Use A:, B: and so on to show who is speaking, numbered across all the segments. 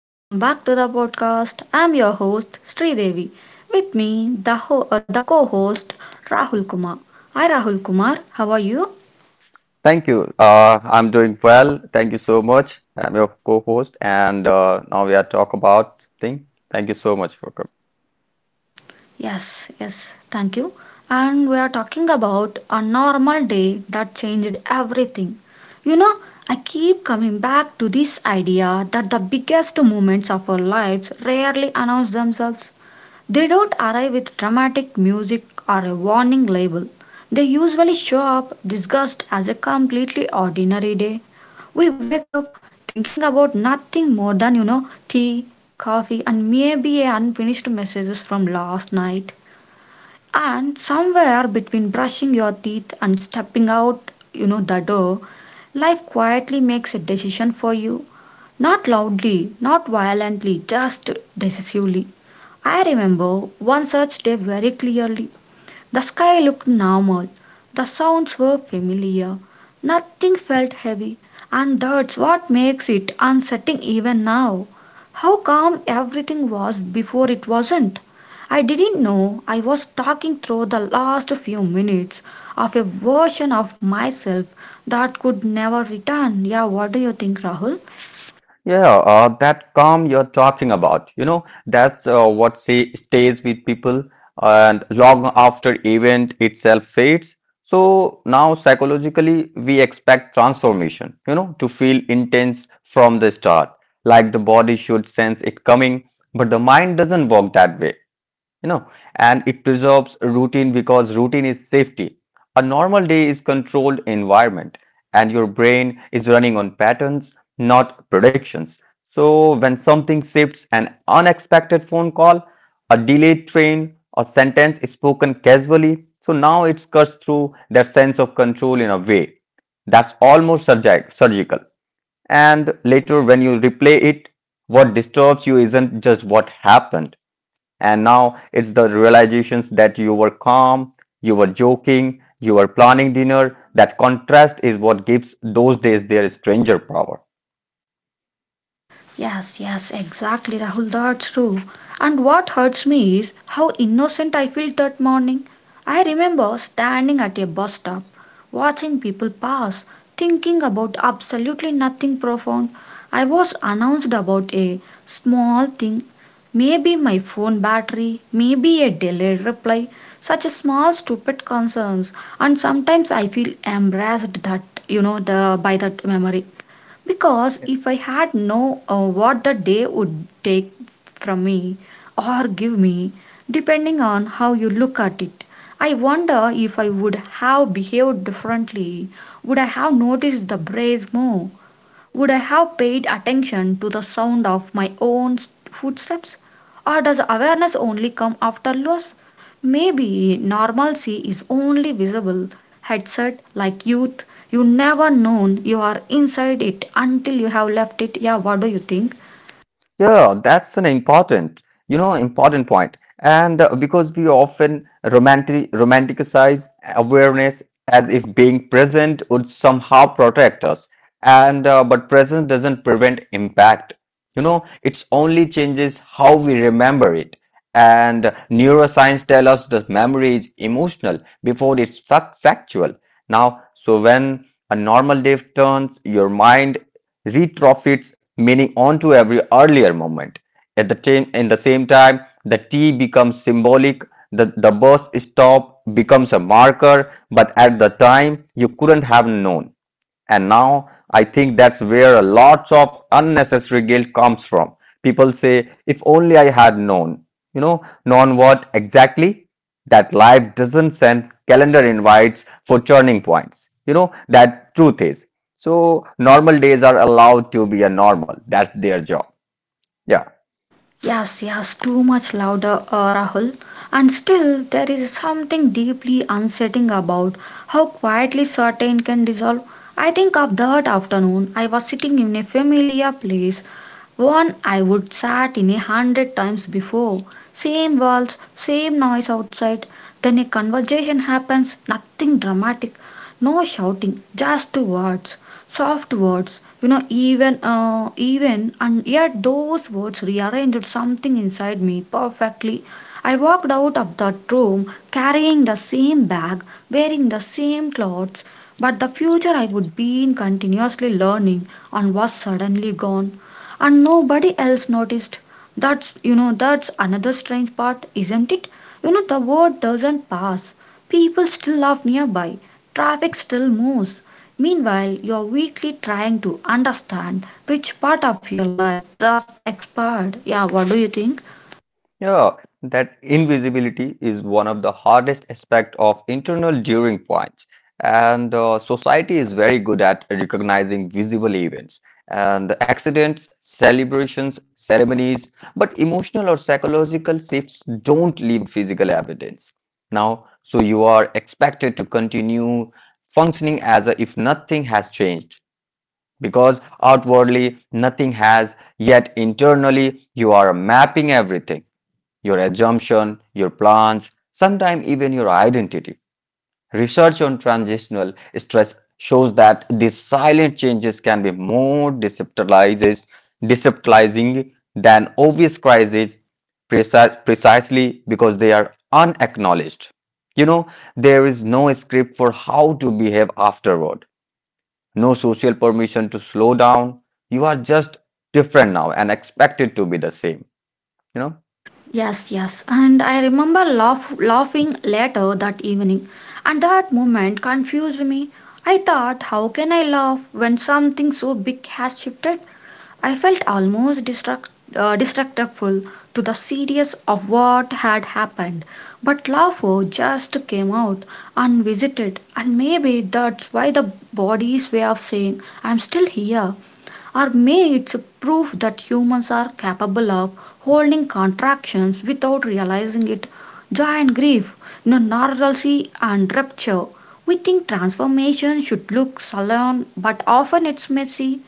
A: welcome back to the podcast. I'm your host Sridevi. With me, the co-host Rahul Kumar. Hi Rahul Kumar, how are you?
B: Thank you. I'm doing well. Thank you so much. I'm your co-host, and now we are talk about thing. Thank you so much for coming.
A: Yes, yes, thank you. And we are talking about a normal day that changed everything. You know, I keep coming back to this idea that the biggest moments of our lives rarely announce themselves. They don't arrive with dramatic music or a warning label. They usually show up disguised as a completely ordinary day. We wake up thinking about nothing more than, tea, coffee, and maybe a unfinished messages from last night. And somewhere between brushing your teeth and stepping out, the door, life quietly makes a decision for you. Not loudly, not violently, just decisively. I remember one such day very clearly. The sky looked normal, the sounds were familiar, nothing felt heavy, and that's what makes it unsettling even now. How calm everything was before it wasn't. I didn't know I was talking through the last few minutes of a version of myself that could never return. Yeah, what do you think, Rahul?
B: Yeah, that calm you're talking about, you know, that's what say stays with people, and long after event itself fades. So now psychologically, we expect transformation, you know, to feel intense from the start, like the body should sense it coming, but the mind doesn't work that way, you know, and it preserves routine because routine is safety. A normal day is controlled environment, and your brain is running on patterns, not predictions. So when something shifts, an unexpected phone call, a delayed train, a sentence spoken casually, so now it's cuts through their sense of control in a way that's almost surgical. And later when you replay it, what disturbs you isn't just what happened, and now it's the realizations that you were calm, you were joking, you were planning dinner. That contrast is what gives those days their stranger power.
A: Yes, yes, exactly, Rahul. That's true. And what hurts me is how innocent I felt that morning. I remember standing at a bus stop, watching people pass, thinking about absolutely nothing profound. I was announced about a small thing, maybe my phone battery, maybe a delayed reply, such small stupid concerns. And sometimes I feel embarrassed that the by that memory. Because if I had known what the day would take from me or give me, depending on how you look at it, I wonder if I would have behaved differently. Would I have noticed the breeze more? Would I have paid attention to the sound of my own footsteps? Or does awareness only come after loss? Maybe normalcy is only visible. Headset like youth, you never known you are inside it until you have left it. Yeah, what do you think?
B: Yeah, that's an important, you know, important point. And because we often romanticize awareness as if being present would somehow protect us. And but presence doesn't prevent impact. You know, it's only changes how we remember it. And neuroscience tell us that memory is emotional before it's factual. Now, so when a normal day turns, your mind retrofits meaning onto every earlier moment. At the time, in the same time, the T becomes symbolic, the bus stop becomes a marker, but at the time you couldn't have known. And now I think that's where a lot of unnecessary guilt comes from. People say, if only I had known. You know, known what exactly? That life doesn't send calendar invites for turning points. You know, that truth is. So normal days are allowed to be a normal. That's their job. Yeah.
A: Yes, yes, too much louder, Rahul. And still, there is something deeply unsettling about how quietly certain can dissolve. I think of that afternoon, I was sitting in a familiar place, one I would sat in 100 times before. Same walls, same noise outside. Then a conversation happens, nothing dramatic, no shouting, just words, soft words, even and yet those words rearranged something inside me perfectly. I walked out of that room, carrying the same bag, wearing the same clothes, but the future I would be in continuously learning and was suddenly gone, and nobody else noticed. That's you know that's another strange part, isn't it? The word doesn't pass. People still laugh nearby, traffic still moves. Meanwhile, you're weekly trying to understand which part of your life just expired. Yeah, what do you think?
B: Yeah, that invisibility is one of the hardest aspects of internal during points. And society is very good at recognizing visible events and accidents, celebrations, ceremonies, but emotional or psychological shifts don't leave physical evidence. Now, so you are expected to continue functioning as if nothing has changed because outwardly nothing has, yet internally you are mapping everything, your assumption, your plans, sometimes even your identity. Research on transitional stress shows that these silent changes can be more destabilizing than obvious crises precisely because they are unacknowledged. You know, there is no script for how to behave afterward, no social permission to slow down. You are just different now and expected to be the same. You know?
A: Yes, yes. And I remember laughing later that evening. And that moment confused me. I thought, how can I laugh when something so big has shifted? I felt almost destructible to the serious of what had happened. But laughter just came out unvisited. And maybe that's why the body's way of saying, I'm still here, or may it's a proof that humans are capable of holding contractions without realizing it. Joy and grief, you know, normalcy and rupture. We think transformation should look solemn, but often it's messy.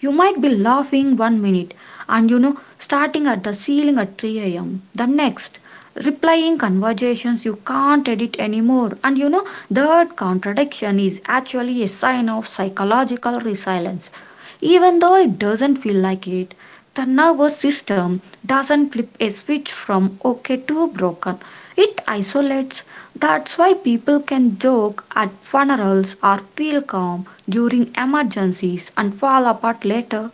A: You might be laughing one minute and starting at the ceiling at 3 a.m. the next, replying conversations you can't edit anymore. And you know, that contradiction is actually a sign of psychological resilience, even though it doesn't feel like it. The nervous system doesn't flip a switch from okay to broken, it isolates. That's why people can joke at funerals or feel calm during emergencies and fall apart later.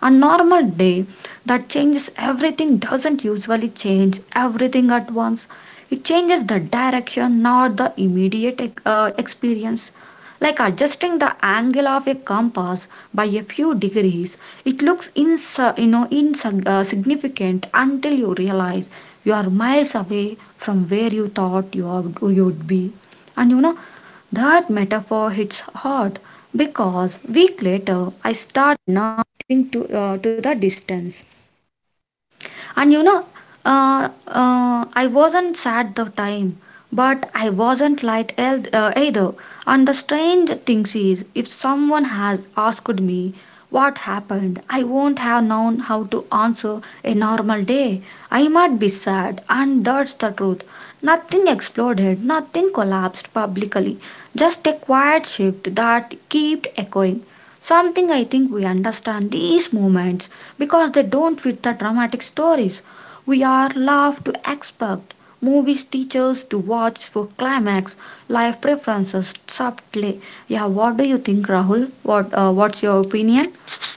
A: A normal day that changes everything doesn't usually change everything at once. It changes the direction, not the immediate experience, like adjusting the angle of a compass by a few degrees. It looks insignificant until you realize you are miles away from where you thought you would be. And you know, that metaphor hits hard because week later I started nothing to the distance. And you know, I wasn't sad the time, but I wasn't light either. And the strange thing is, if someone has asked me what happened, I won't have known how to answer a normal day. I might be sad, and that's the truth. Nothing exploded, nothing collapsed publicly, just a quiet shift that kept echoing. Something I think we understand these moments because they don't fit the dramatic stories we are love to expect. Movies teach us to watch for climax, life preferences subtly. Yeah, what do you think, Rahul? What's your opinion?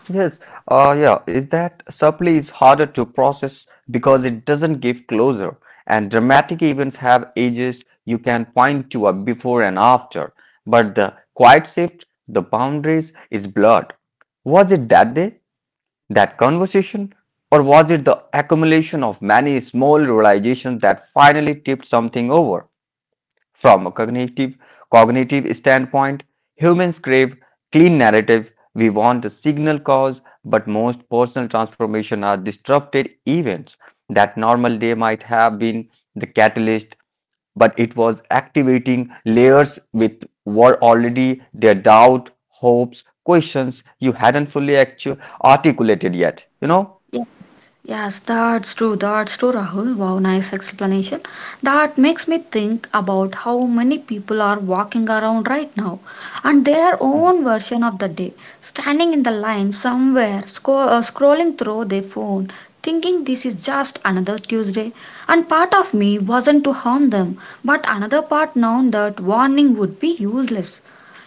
B: Yes, yeah, is that supply is harder to process because it doesn't give closure, and dramatic events have ages you can point to a before and after, but the quiet shift, the boundaries is blurred. Was it that day, that conversation, or was it the accumulation of many small realizations that finally tipped something over? From a cognitive standpoint, humans crave clean narrative. We want a signal cause, but most personal transformation are disrupted events. That normal day might have been the catalyst, but it was activating layers with were already their doubt, hopes, questions you hadn't fully articulated yet. You know?
A: Yes, that's true. That's true, Rahul. Wow, nice explanation. That makes me think about how many people are walking around right now and their
B: Mhm.
A: own version of the day, standing in the line somewhere, scrolling through their phone, thinking this is just another Tuesday. And part of me wasn't to harm them, but another part known that warning would be useless.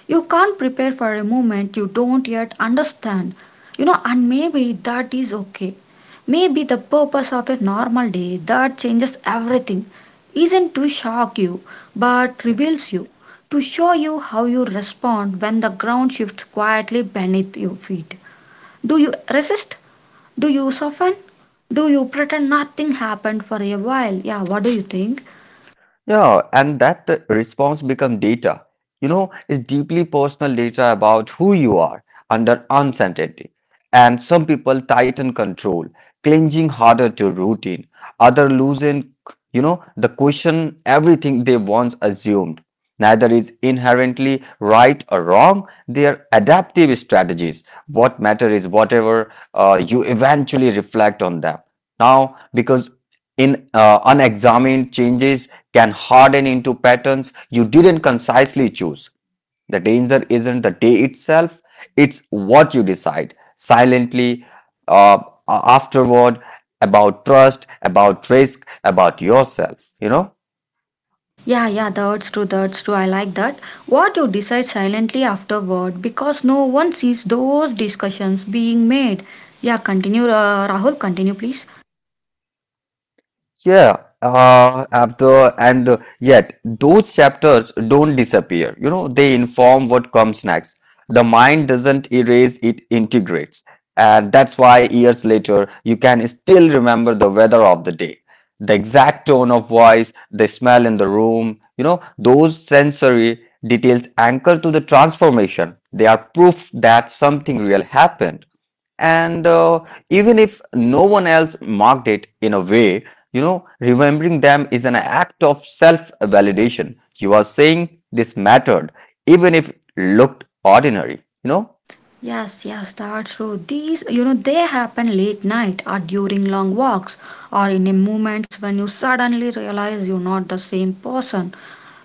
A: You can't prepare for a moment you don't yet understand. You know, and maybe that is okay. Maybe the purpose of a normal day that changes everything isn't to shock you, but
B: Yeah.
A: reveals you, to show you how you respond when the ground shifts quietly beneath your feet. Do you resist? Do you soften? Do you pretend nothing happened for a while? Yeah, what do you think?
B: Yeah, and that response become data. You know, it's deeply personal data about who you are under uncertainty. And some people tighten control, clinging harder to routine. Other loosen, you know, the question everything they once assumed. Neither is inherently right or wrong. They are adaptive strategies. What matter is whatever you eventually reflect on them. Now, because in unexamined changes can harden into patterns you didn't concisely choose. The danger isn't the day itself, it's what you decide silently uh, afterward about trust, about risk, about yourself, you know.
A: Yeah, yeah, that's true, that's true. I like that. What you decide silently afterward, because no one sees those discussions being made. Yeah, continue, Rahul, continue, please.
B: Yeah, after and yet those chapters don't disappear. You know, they inform what comes next. The mind doesn't erase, it integrates. And that's why years later, you can still remember the weather of the day, the exact tone of voice, the smell in the room. You know, those sensory details anchor to the transformation. They are proof that something real happened, and even if no one else marked it in a way, you know, remembering them is an act of self validation. You are saying this mattered even if it looked ordinary, you know.
A: Yes, yes, that's true. These, you know, they happen late night or during long walks or in a moments when you suddenly realize you're not the same person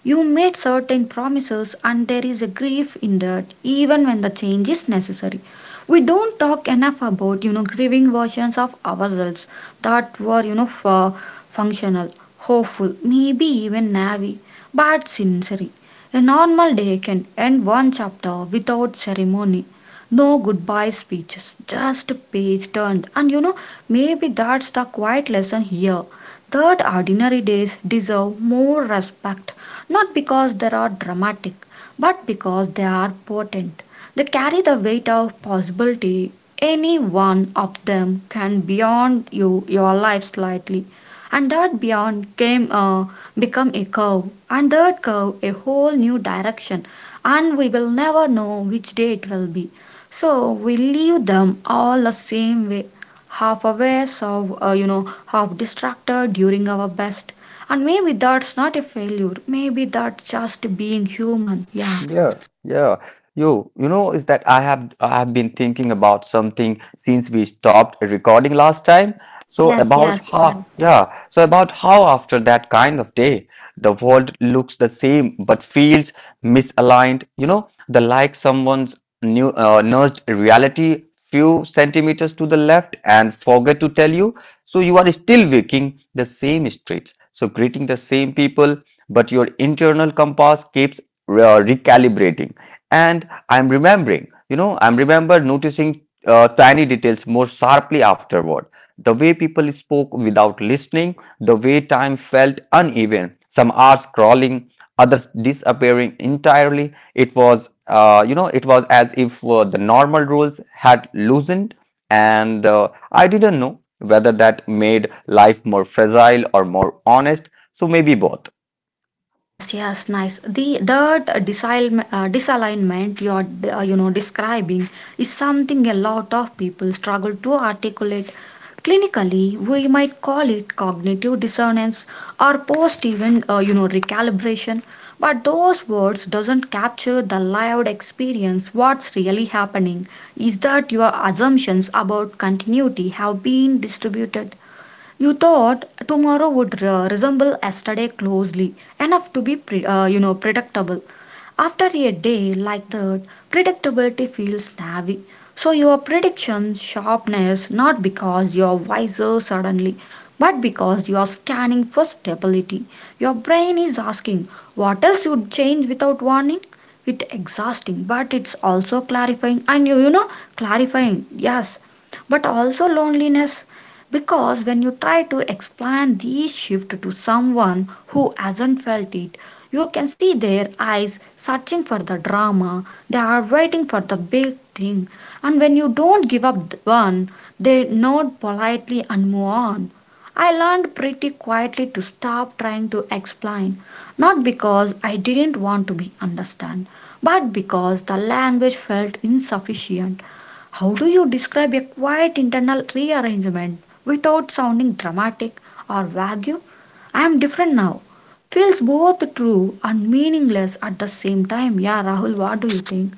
A: you made certain promises, and there is a grief in that, even when the change is necessary. We don't talk enough about, you know, grieving versions of ourselves that were, functional, hopeful, maybe even naive, but sincere. A normal day can end one chapter without ceremony. No goodbye speeches, just a page turned. And you know, maybe that's the quiet lesson here, that ordinary days deserve more respect, not because they are dramatic but because they are potent. They carry the weight of possibility. Any one of them can beyond you your life slightly, and that beyond came become a curve, and that curve a whole new direction, and we will never know which day it will be. So we leave them all the same way, half aware, half distracted during our best, and maybe that's not a failure, maybe that's just being human. Yeah,
B: Yeah, yeah. Yo, you know, is that I have been thinking about something since we stopped recording last time. So
A: yes, yes,
B: about
A: yeah.
B: how, yeah, so about how after that kind of day, the world looks the same but feels misaligned. You know, the like someone's new nudged reality few centimeters to the left and forget to tell you. So you are still walking the same streets, so greeting the same people, but your internal compass keeps recalibrating. And I'm remember noticing tiny details more sharply afterward, the way people spoke without listening, the way time felt uneven, some hours crawling, others disappearing entirely. It was you know, it was as if the normal rules had loosened, and I didn't know whether that made life more fragile or more honest, so maybe both.
A: Yes, yes, nice. The disalignment you're describing is something a lot of people struggle to articulate. Clinically, we might call it cognitive dissonance or post-event recalibration, but those words doesn't capture the lived experience. What's really happening is that your assumptions about continuity have been distributed. You thought tomorrow would resemble yesterday closely enough to be predictable. After a day like that, predictability feels navy. So your prediction sharpness, not because you're wiser suddenly, but because you're scanning for stability. Your brain is asking what else would change without warning. It's exhausting, but it's also clarifying, and you know clarifying, yes, but also loneliness. Because when you try to explain this shift to someone who hasn't felt it, you can see their eyes searching for the drama, they are waiting for the big thing, and when you don't give up the one, they nod politely and move on. I learned pretty quietly to stop trying to explain, not because I didn't want to be understood, but because the language felt insufficient. How do you describe a quiet internal rearrangement without sounding dramatic or vague? I am different now. Feels both true and meaningless at the same time. Yeah, Rahul, what do you think?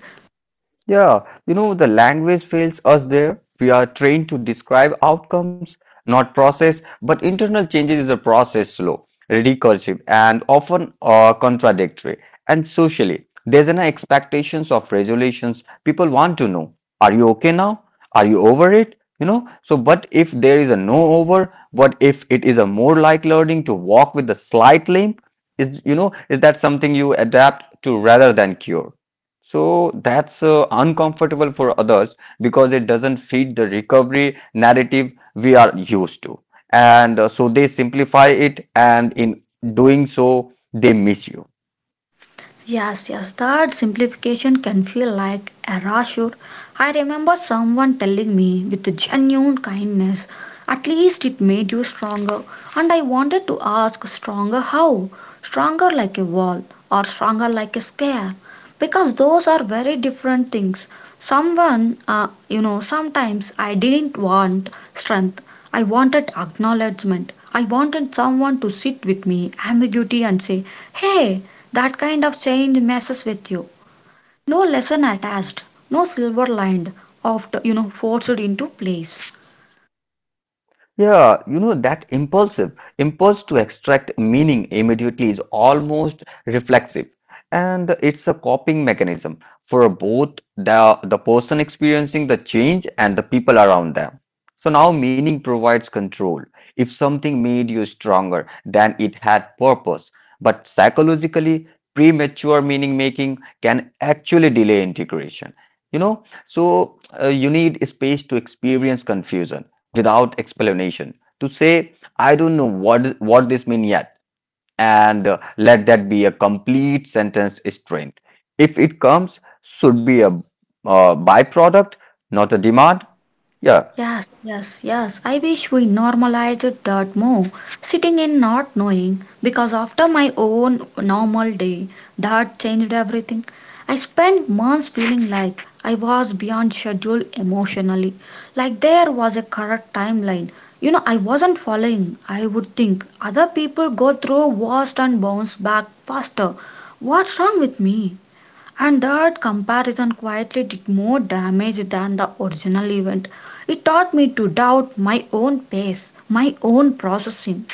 B: Yeah, you know, the language fails us there. We are trained to describe outcomes, not process, but internal changes is a process slow, recursive, and often contradictory. And socially, there's an expectations of regulations. People want to know, are you okay now? Are you over it? You know, so but if there is a no over, what if it is a more like learning to walk with a slight limp? Is you know, is that something you adapt to rather than cure? So that's uncomfortable for others because it doesn't fit the recovery narrative we are used to. And so they simplify it, and in doing so, they miss you.
A: Yes, yes, that simplification can feel like a rasher. I remember someone telling me with genuine kindness, at least it made you stronger. And I wanted to ask, stronger how? Stronger like a wall or stronger like a scare? Because those are very different things. Someone, sometimes I didn't want strength. I wanted acknowledgement. I wanted someone to sit with me, ambiguity, and say, hey, that kind of change messes with you. No lesson attached, no silver lined, forced into place.
B: Yeah, you know that impulsive impulse to extract meaning immediately is almost reflexive, and it's a coping mechanism for both the person experiencing the change and the people around them. So now meaning provides control. If something made you stronger, then it had purpose. But psychologically, premature meaning making can actually delay integration. You know, so you need space to experience confusion without explanation, to say I don't know what this means yet, and let that be a complete sentence. Strength, if it comes, should be a byproduct, not a demand. Yeah.
A: Yes, yes, yes. I wish we normalized that more. Sitting in not knowing, because after my own normal day, that changed everything. I spent months feeling like I was beyond schedule emotionally, like there was a correct timeline. You know, I wasn't following. I would think other people go through worst and bounce back faster. What's wrong with me? And that comparison quietly did more damage than the original event. It taught me to doubt my own pace, my own processing.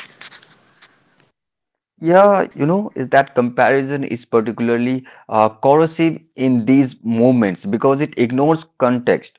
B: Yeah, you know, is that comparison is particularly corrosive in these moments because it ignores context,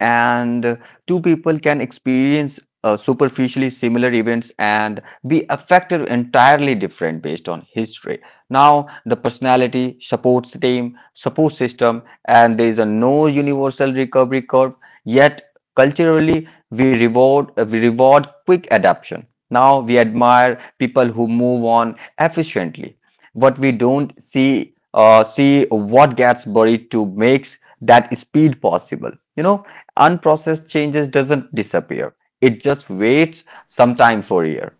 B: and two people can experience superficially similar events and be affected entirely different based on history. Now the personality support system, and there is a no universal recovery curve. Yet culturally we reward we reward quick adaptation. Now we admire people who move on efficiently. What we don't see, what gets buried to makes that speed possible, you know. Unprocessed changes doesn't disappear. It just waits some time for a year.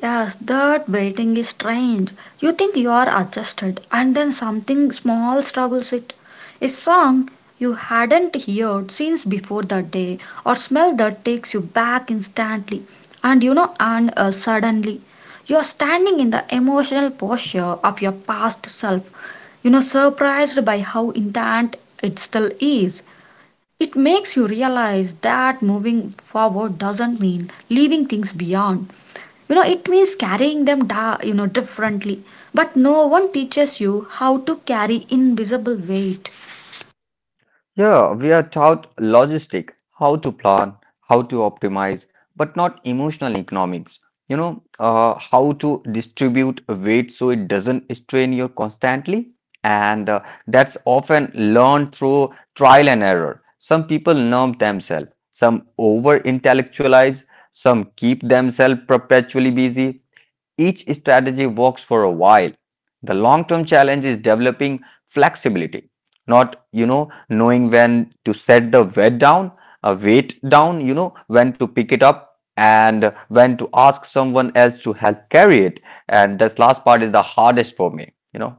A: Yes, that waiting is strange. You think you are adjusted, and then something small struggles it. A song you hadn't heard since before that day, or smell that takes you back instantly. And suddenly, you are standing in the emotional posture of your past self, surprised by how intact it still is. It makes you realize that moving forward doesn't mean leaving things beyond. You know it means carrying them differently, but no one teaches you how to carry invisible weight.
B: Yeah, we are taught logistic, how to plan, how to optimize, but not emotional economics. You know, how to distribute weight so it doesn't strain you constantly. And that's often learned through trial and error. Some people numb themselves, some over intellectualize, some keep themselves perpetually busy. Each strategy works for a while. The long term challenge is developing flexibility, not, you know, knowing when to set the weight down, you know, when to pick it up and when to ask someone else to help carry it. And this last part is the hardest for me, you know.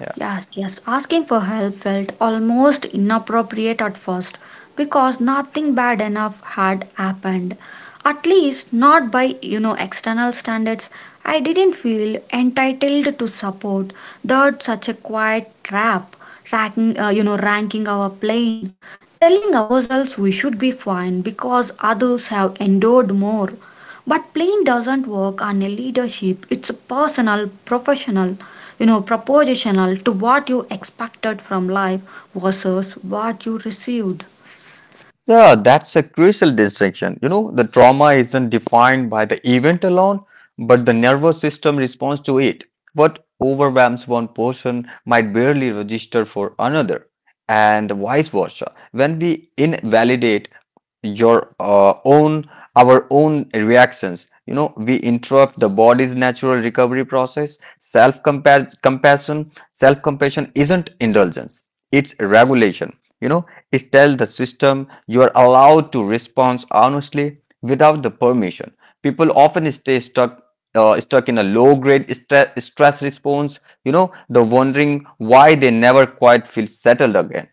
B: Yeah.
A: Yes, yes, asking for help felt almost inappropriate at first because nothing bad enough had happened. At least not by, you know, external standards. I didn't feel entitled to support that such a quiet trap, ranking our plane, telling ourselves we should be fine because others have endured more. But plain doesn't work on a leadership. It's personal, professional, you know, propositional to what you expected from life versus what you received.
B: Yeah, that's a crucial distinction. You know, the trauma isn't defined by the event alone, but the nervous system responds to it. What overwhelms one person might barely register for another, and vice versa. When we invalidate your own our own reactions, you know, we interrupt the body's natural recovery process. Self compassion isn't indulgence; it's regulation. You know, is tell the system you are allowed to respond honestly without the permission. People often stay stuck. Stuck in a low grade stress response, you know, the wondering why they never quite feel settled again.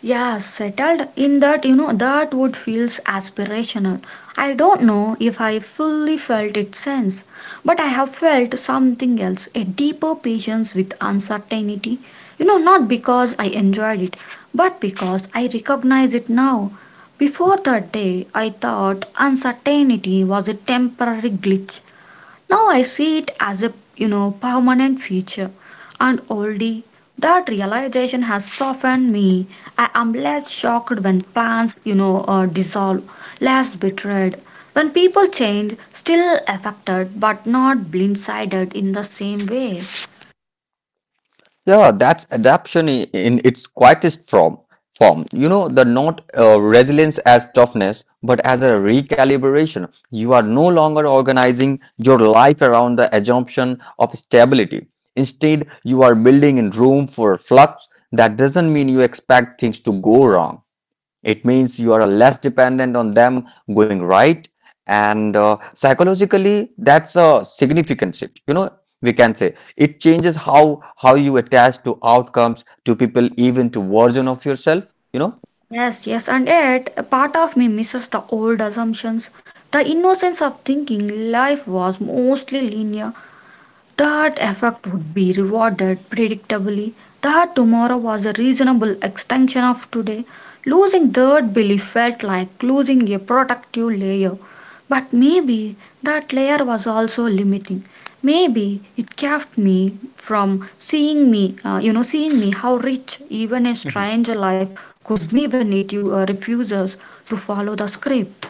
A: Yeah, settled in that, you know, that would feels aspirational. I don't know if I fully felt it sense, but I have felt something else, a deeper patience with uncertainty. You know, not because I enjoyed it, but because I recognize it now. Before that day, I thought uncertainty was a temporary glitch. Now I see it as a you know permanent feature, and already that realization has softened me. I am less shocked when plans dissolve, less betrayed. When people change, still affected but not blindsided in the same way.
B: Yeah, that's adaptation in its quietest form. Form, you know, the not resilience as toughness, but as a recalibration. You are no longer organizing your life around the assumption of stability. Instead, you are building in room for flux. That doesn't mean you expect things to go wrong. It means you are less dependent on them going right. And psychologically, that's a significant shift. You know, we can say it changes how you attach to outcomes, to people, even to version of yourself. You know,
A: Yes, yes, and yet a part of me misses the old assumptions, the innocence of thinking life was mostly linear. That effect would be rewarded predictably, that tomorrow was a reasonable extension of today. Losing that belief felt like losing a protective layer. But maybe that layer was also limiting. Maybe it kept me from seeing me how rich even a strange life could be when it refuses to follow the script.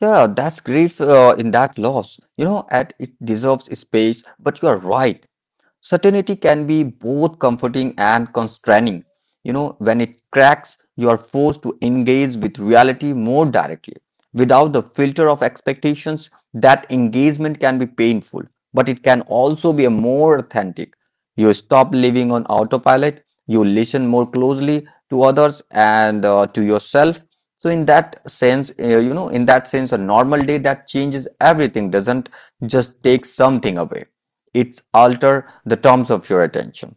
B: yeah, that's grief in that loss. You know, and it deserves space. But you are right. Certainty can be both comforting and constraining. You know, when it cracks, you are forced to engage with reality more directly. Without the filter of expectations, that engagement can be painful, but it can also be a more authentic. You stop living on autopilot, you listen more closely to others and to yourself. So, in that sense, in that sense, a normal day that changes everything doesn't just take something away, it's alter the terms of your attention.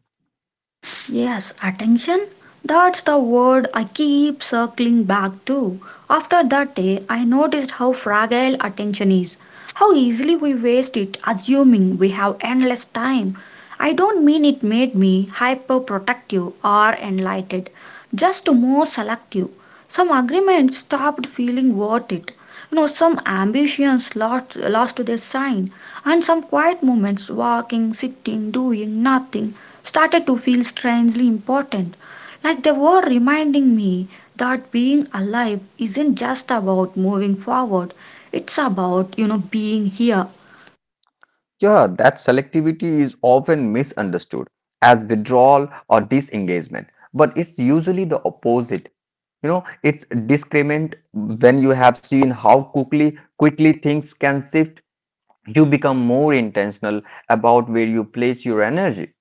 A: Yes, attention. That's the word I keep circling back to. After that day, I noticed how fragile attention is, how easily we waste it assuming we have endless time. I don't mean it made me hyperprotective or enlightened, just more selective. Some agreements stopped feeling worth it. You know, some ambitions lost their shine, and some quiet moments, walking, sitting, doing nothing, started to feel strangely important. Like they were reminding me that being alive isn't just about moving forward, it's about, you know, being here.
B: Yeah, that selectivity is often misunderstood as withdrawal or disengagement, but it's usually the opposite. You know, it's discriminant when you have seen how quickly things can shift. You become more intentional about where you place your energy.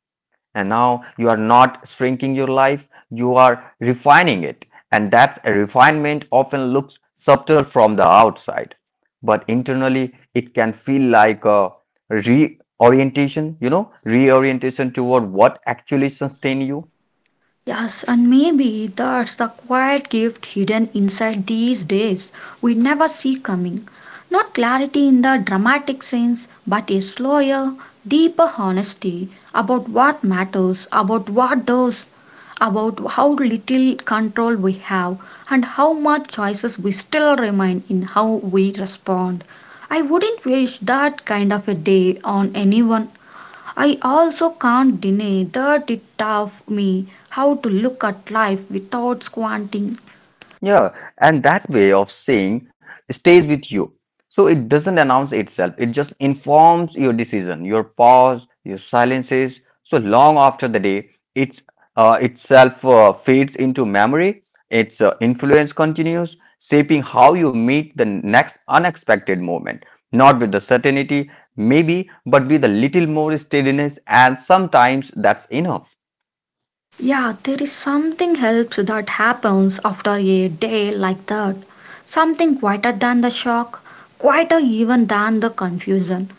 B: And now you are not shrinking your life, you are refining it, and that's a refinement often looks subtle from the outside, but internally it can feel like a reorientation, you know, reorientation toward what actually sustains you.
A: Yes, and maybe that's the quiet gift hidden inside these days we never see coming. Not clarity in the dramatic sense, but a slower, deeper honesty about what matters, about what does, about how little control we have, and how much choices we still remain in how we respond. I wouldn't wish that kind of a day on anyone. I also can't deny that it taught me how to look at life without squinting.
B: Yeah, and that way of saying stays with you. So it doesn't announce itself, it just informs your decision, your pause, your silences. So long after the day, it's itself fades into memory, its influence continues, shaping how you meet the next unexpected moment. Not with the certainty, maybe, but with a little more steadiness, and sometimes that's enough.
A: Yeah, there is something helps that happens after a day like that. Something quieter than the shock, quieter even than the confusion.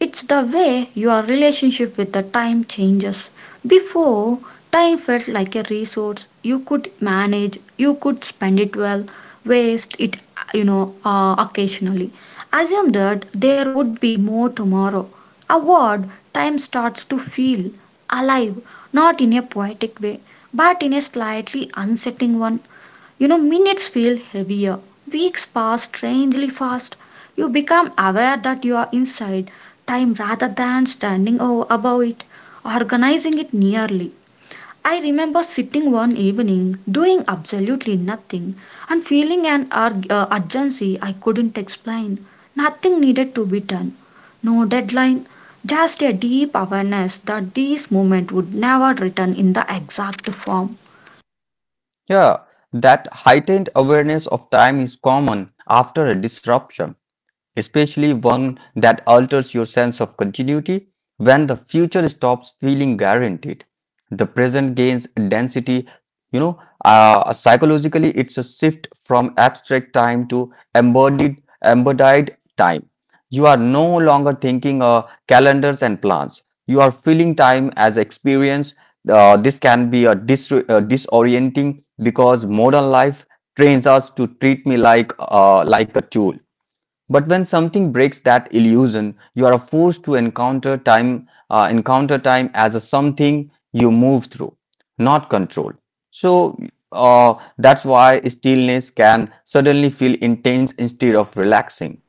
A: It's the way your relationship with the time changes. Before, time felt like a resource you could manage, you could spend it well, waste it, occasionally. Assume that there would be more tomorrow. A word, time starts to feel alive, not in a poetic way, but in a slightly unsettling one. You know, minutes feel heavier. Weeks pass strangely fast. You become aware that you are inside time rather than above it, organizing it nearly. I remember sitting one evening doing absolutely nothing and feeling an urgency I couldn't explain. Nothing needed to be done, no deadline, just a deep awareness that this moment would never return in the exact form.
B: Yeah, that heightened awareness of time is common after a disruption, especially one that alters your sense of continuity when the future stops feeling guaranteed. The present gains density, you know, psychologically, it's a shift from abstract time to embodied time. You are no longer thinking calendars and plans. You are feeling time as experience. This can be a disorienting because modern life trains us to treat me like a tool, but when something breaks that illusion, you are forced to encounter time as a something you move through, not control. So that's why stillness can suddenly feel intense instead of relaxing.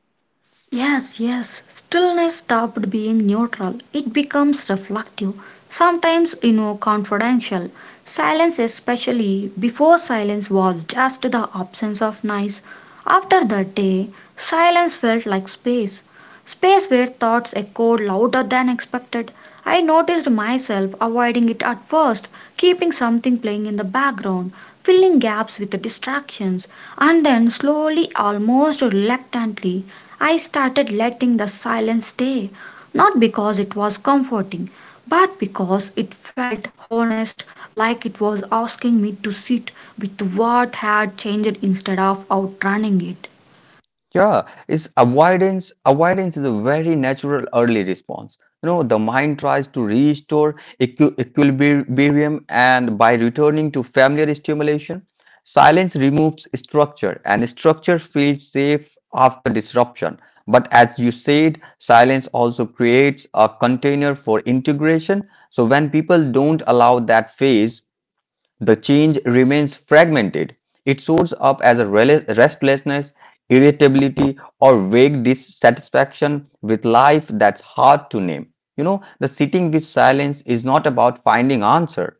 A: Yes, yes. Stillness stopped being neutral. It becomes reflective, sometimes, you know, confidential. Silence, especially before silence, was just the absence of noise. After that day, silence felt like space. Space where thoughts echoed louder than expected. I noticed myself avoiding it at first, keeping something playing in the background, filling gaps with distractions, and then slowly, almost reluctantly, I started letting the silence stay, not because it was comforting, but because it felt honest, like it was asking me to sit with what had changed instead of outrunning it.
B: Yeah, it's avoidance. Avoidance is a very natural early response. You know, the mind tries to restore equilibrium, and by returning to familiar stimulation, silence removes structure, and structure feels safe after disruption. But as you said, silence also creates a container for integration. So when people don't allow that phase, the change remains fragmented. It shows up as a restlessness, irritability, or vague dissatisfaction with life that's hard to name. You know, the sitting with silence is not about finding answer.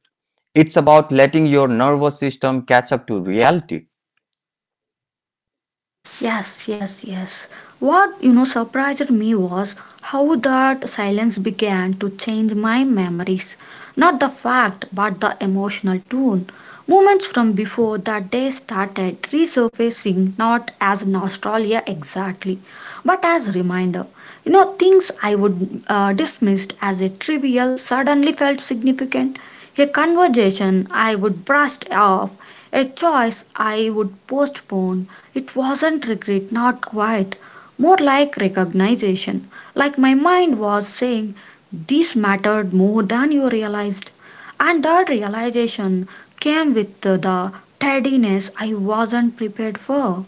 B: It's about letting your nervous system catch up to reality.
A: Yes, yes, yes. What you know surprised me was how that silence began to change my memories. Not the fact, but the emotional tone. Moments from before that day started resurfacing not as nostalgia exactly, but as reminder. You know, things I would dismissed as a trivial suddenly felt significant. A conversation I would brushed off, a choice I would postpone. It wasn't regret, not quite, more like recognition, like my mind was saying, "This mattered more than you realized." And that realization came with the tardiness I wasn't prepared for.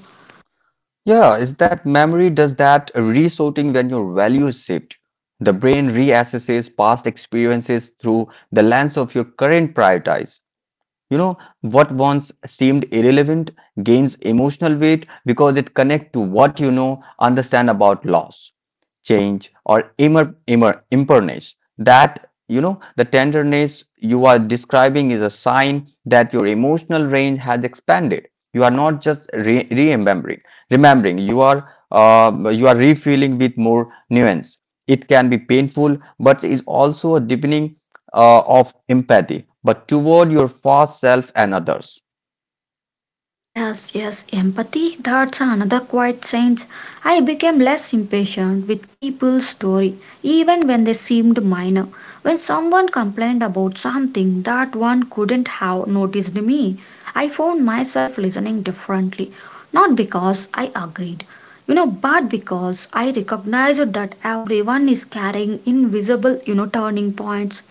B: Yeah, is that memory does that resorting when your values shift. The brain reassesses past experiences through the lens of your current priorities. You know, what once seemed irrelevant gains emotional weight because it connects to what you know, understand about loss, change, or imperness. That, you know, the tenderness you are describing is a sign that your emotional range has expanded. You are not just remembering, you are refilling with more nuance. It can be painful but is also a deepening of empathy but toward your past self and others.
A: Yes, yes, empathy, that's another quiet sense. I became less impatient with people's story, even when they seemed minor. When someone complained about something that one couldn't have noticed me, I found myself listening differently. Not because I agreed, you know, but because I recognized that everyone is carrying invisible, you know, turning points.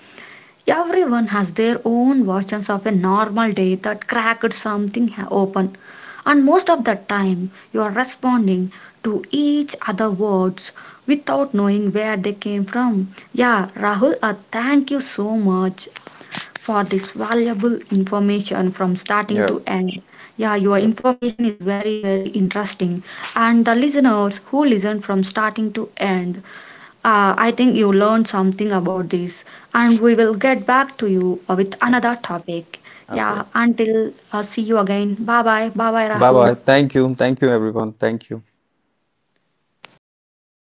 A: Everyone has their own versions of a normal day that cracked open, and most of the time you are responding to each other words without knowing where they came from. Yeah, Rahul, thank you so much for this valuable information from starting to
B: Yep.
A: end. Yeah, your
B: Yep.
A: information is very, very interesting. And the listeners who listen from starting to end, I think you learned something about this, and we will get back to you with another topic.
B: Okay,
A: Yeah, until see you again. Bye bye. Bye bye,
B: bye bye.
A: Rahul.
B: Thank you, thank you everyone, thank you.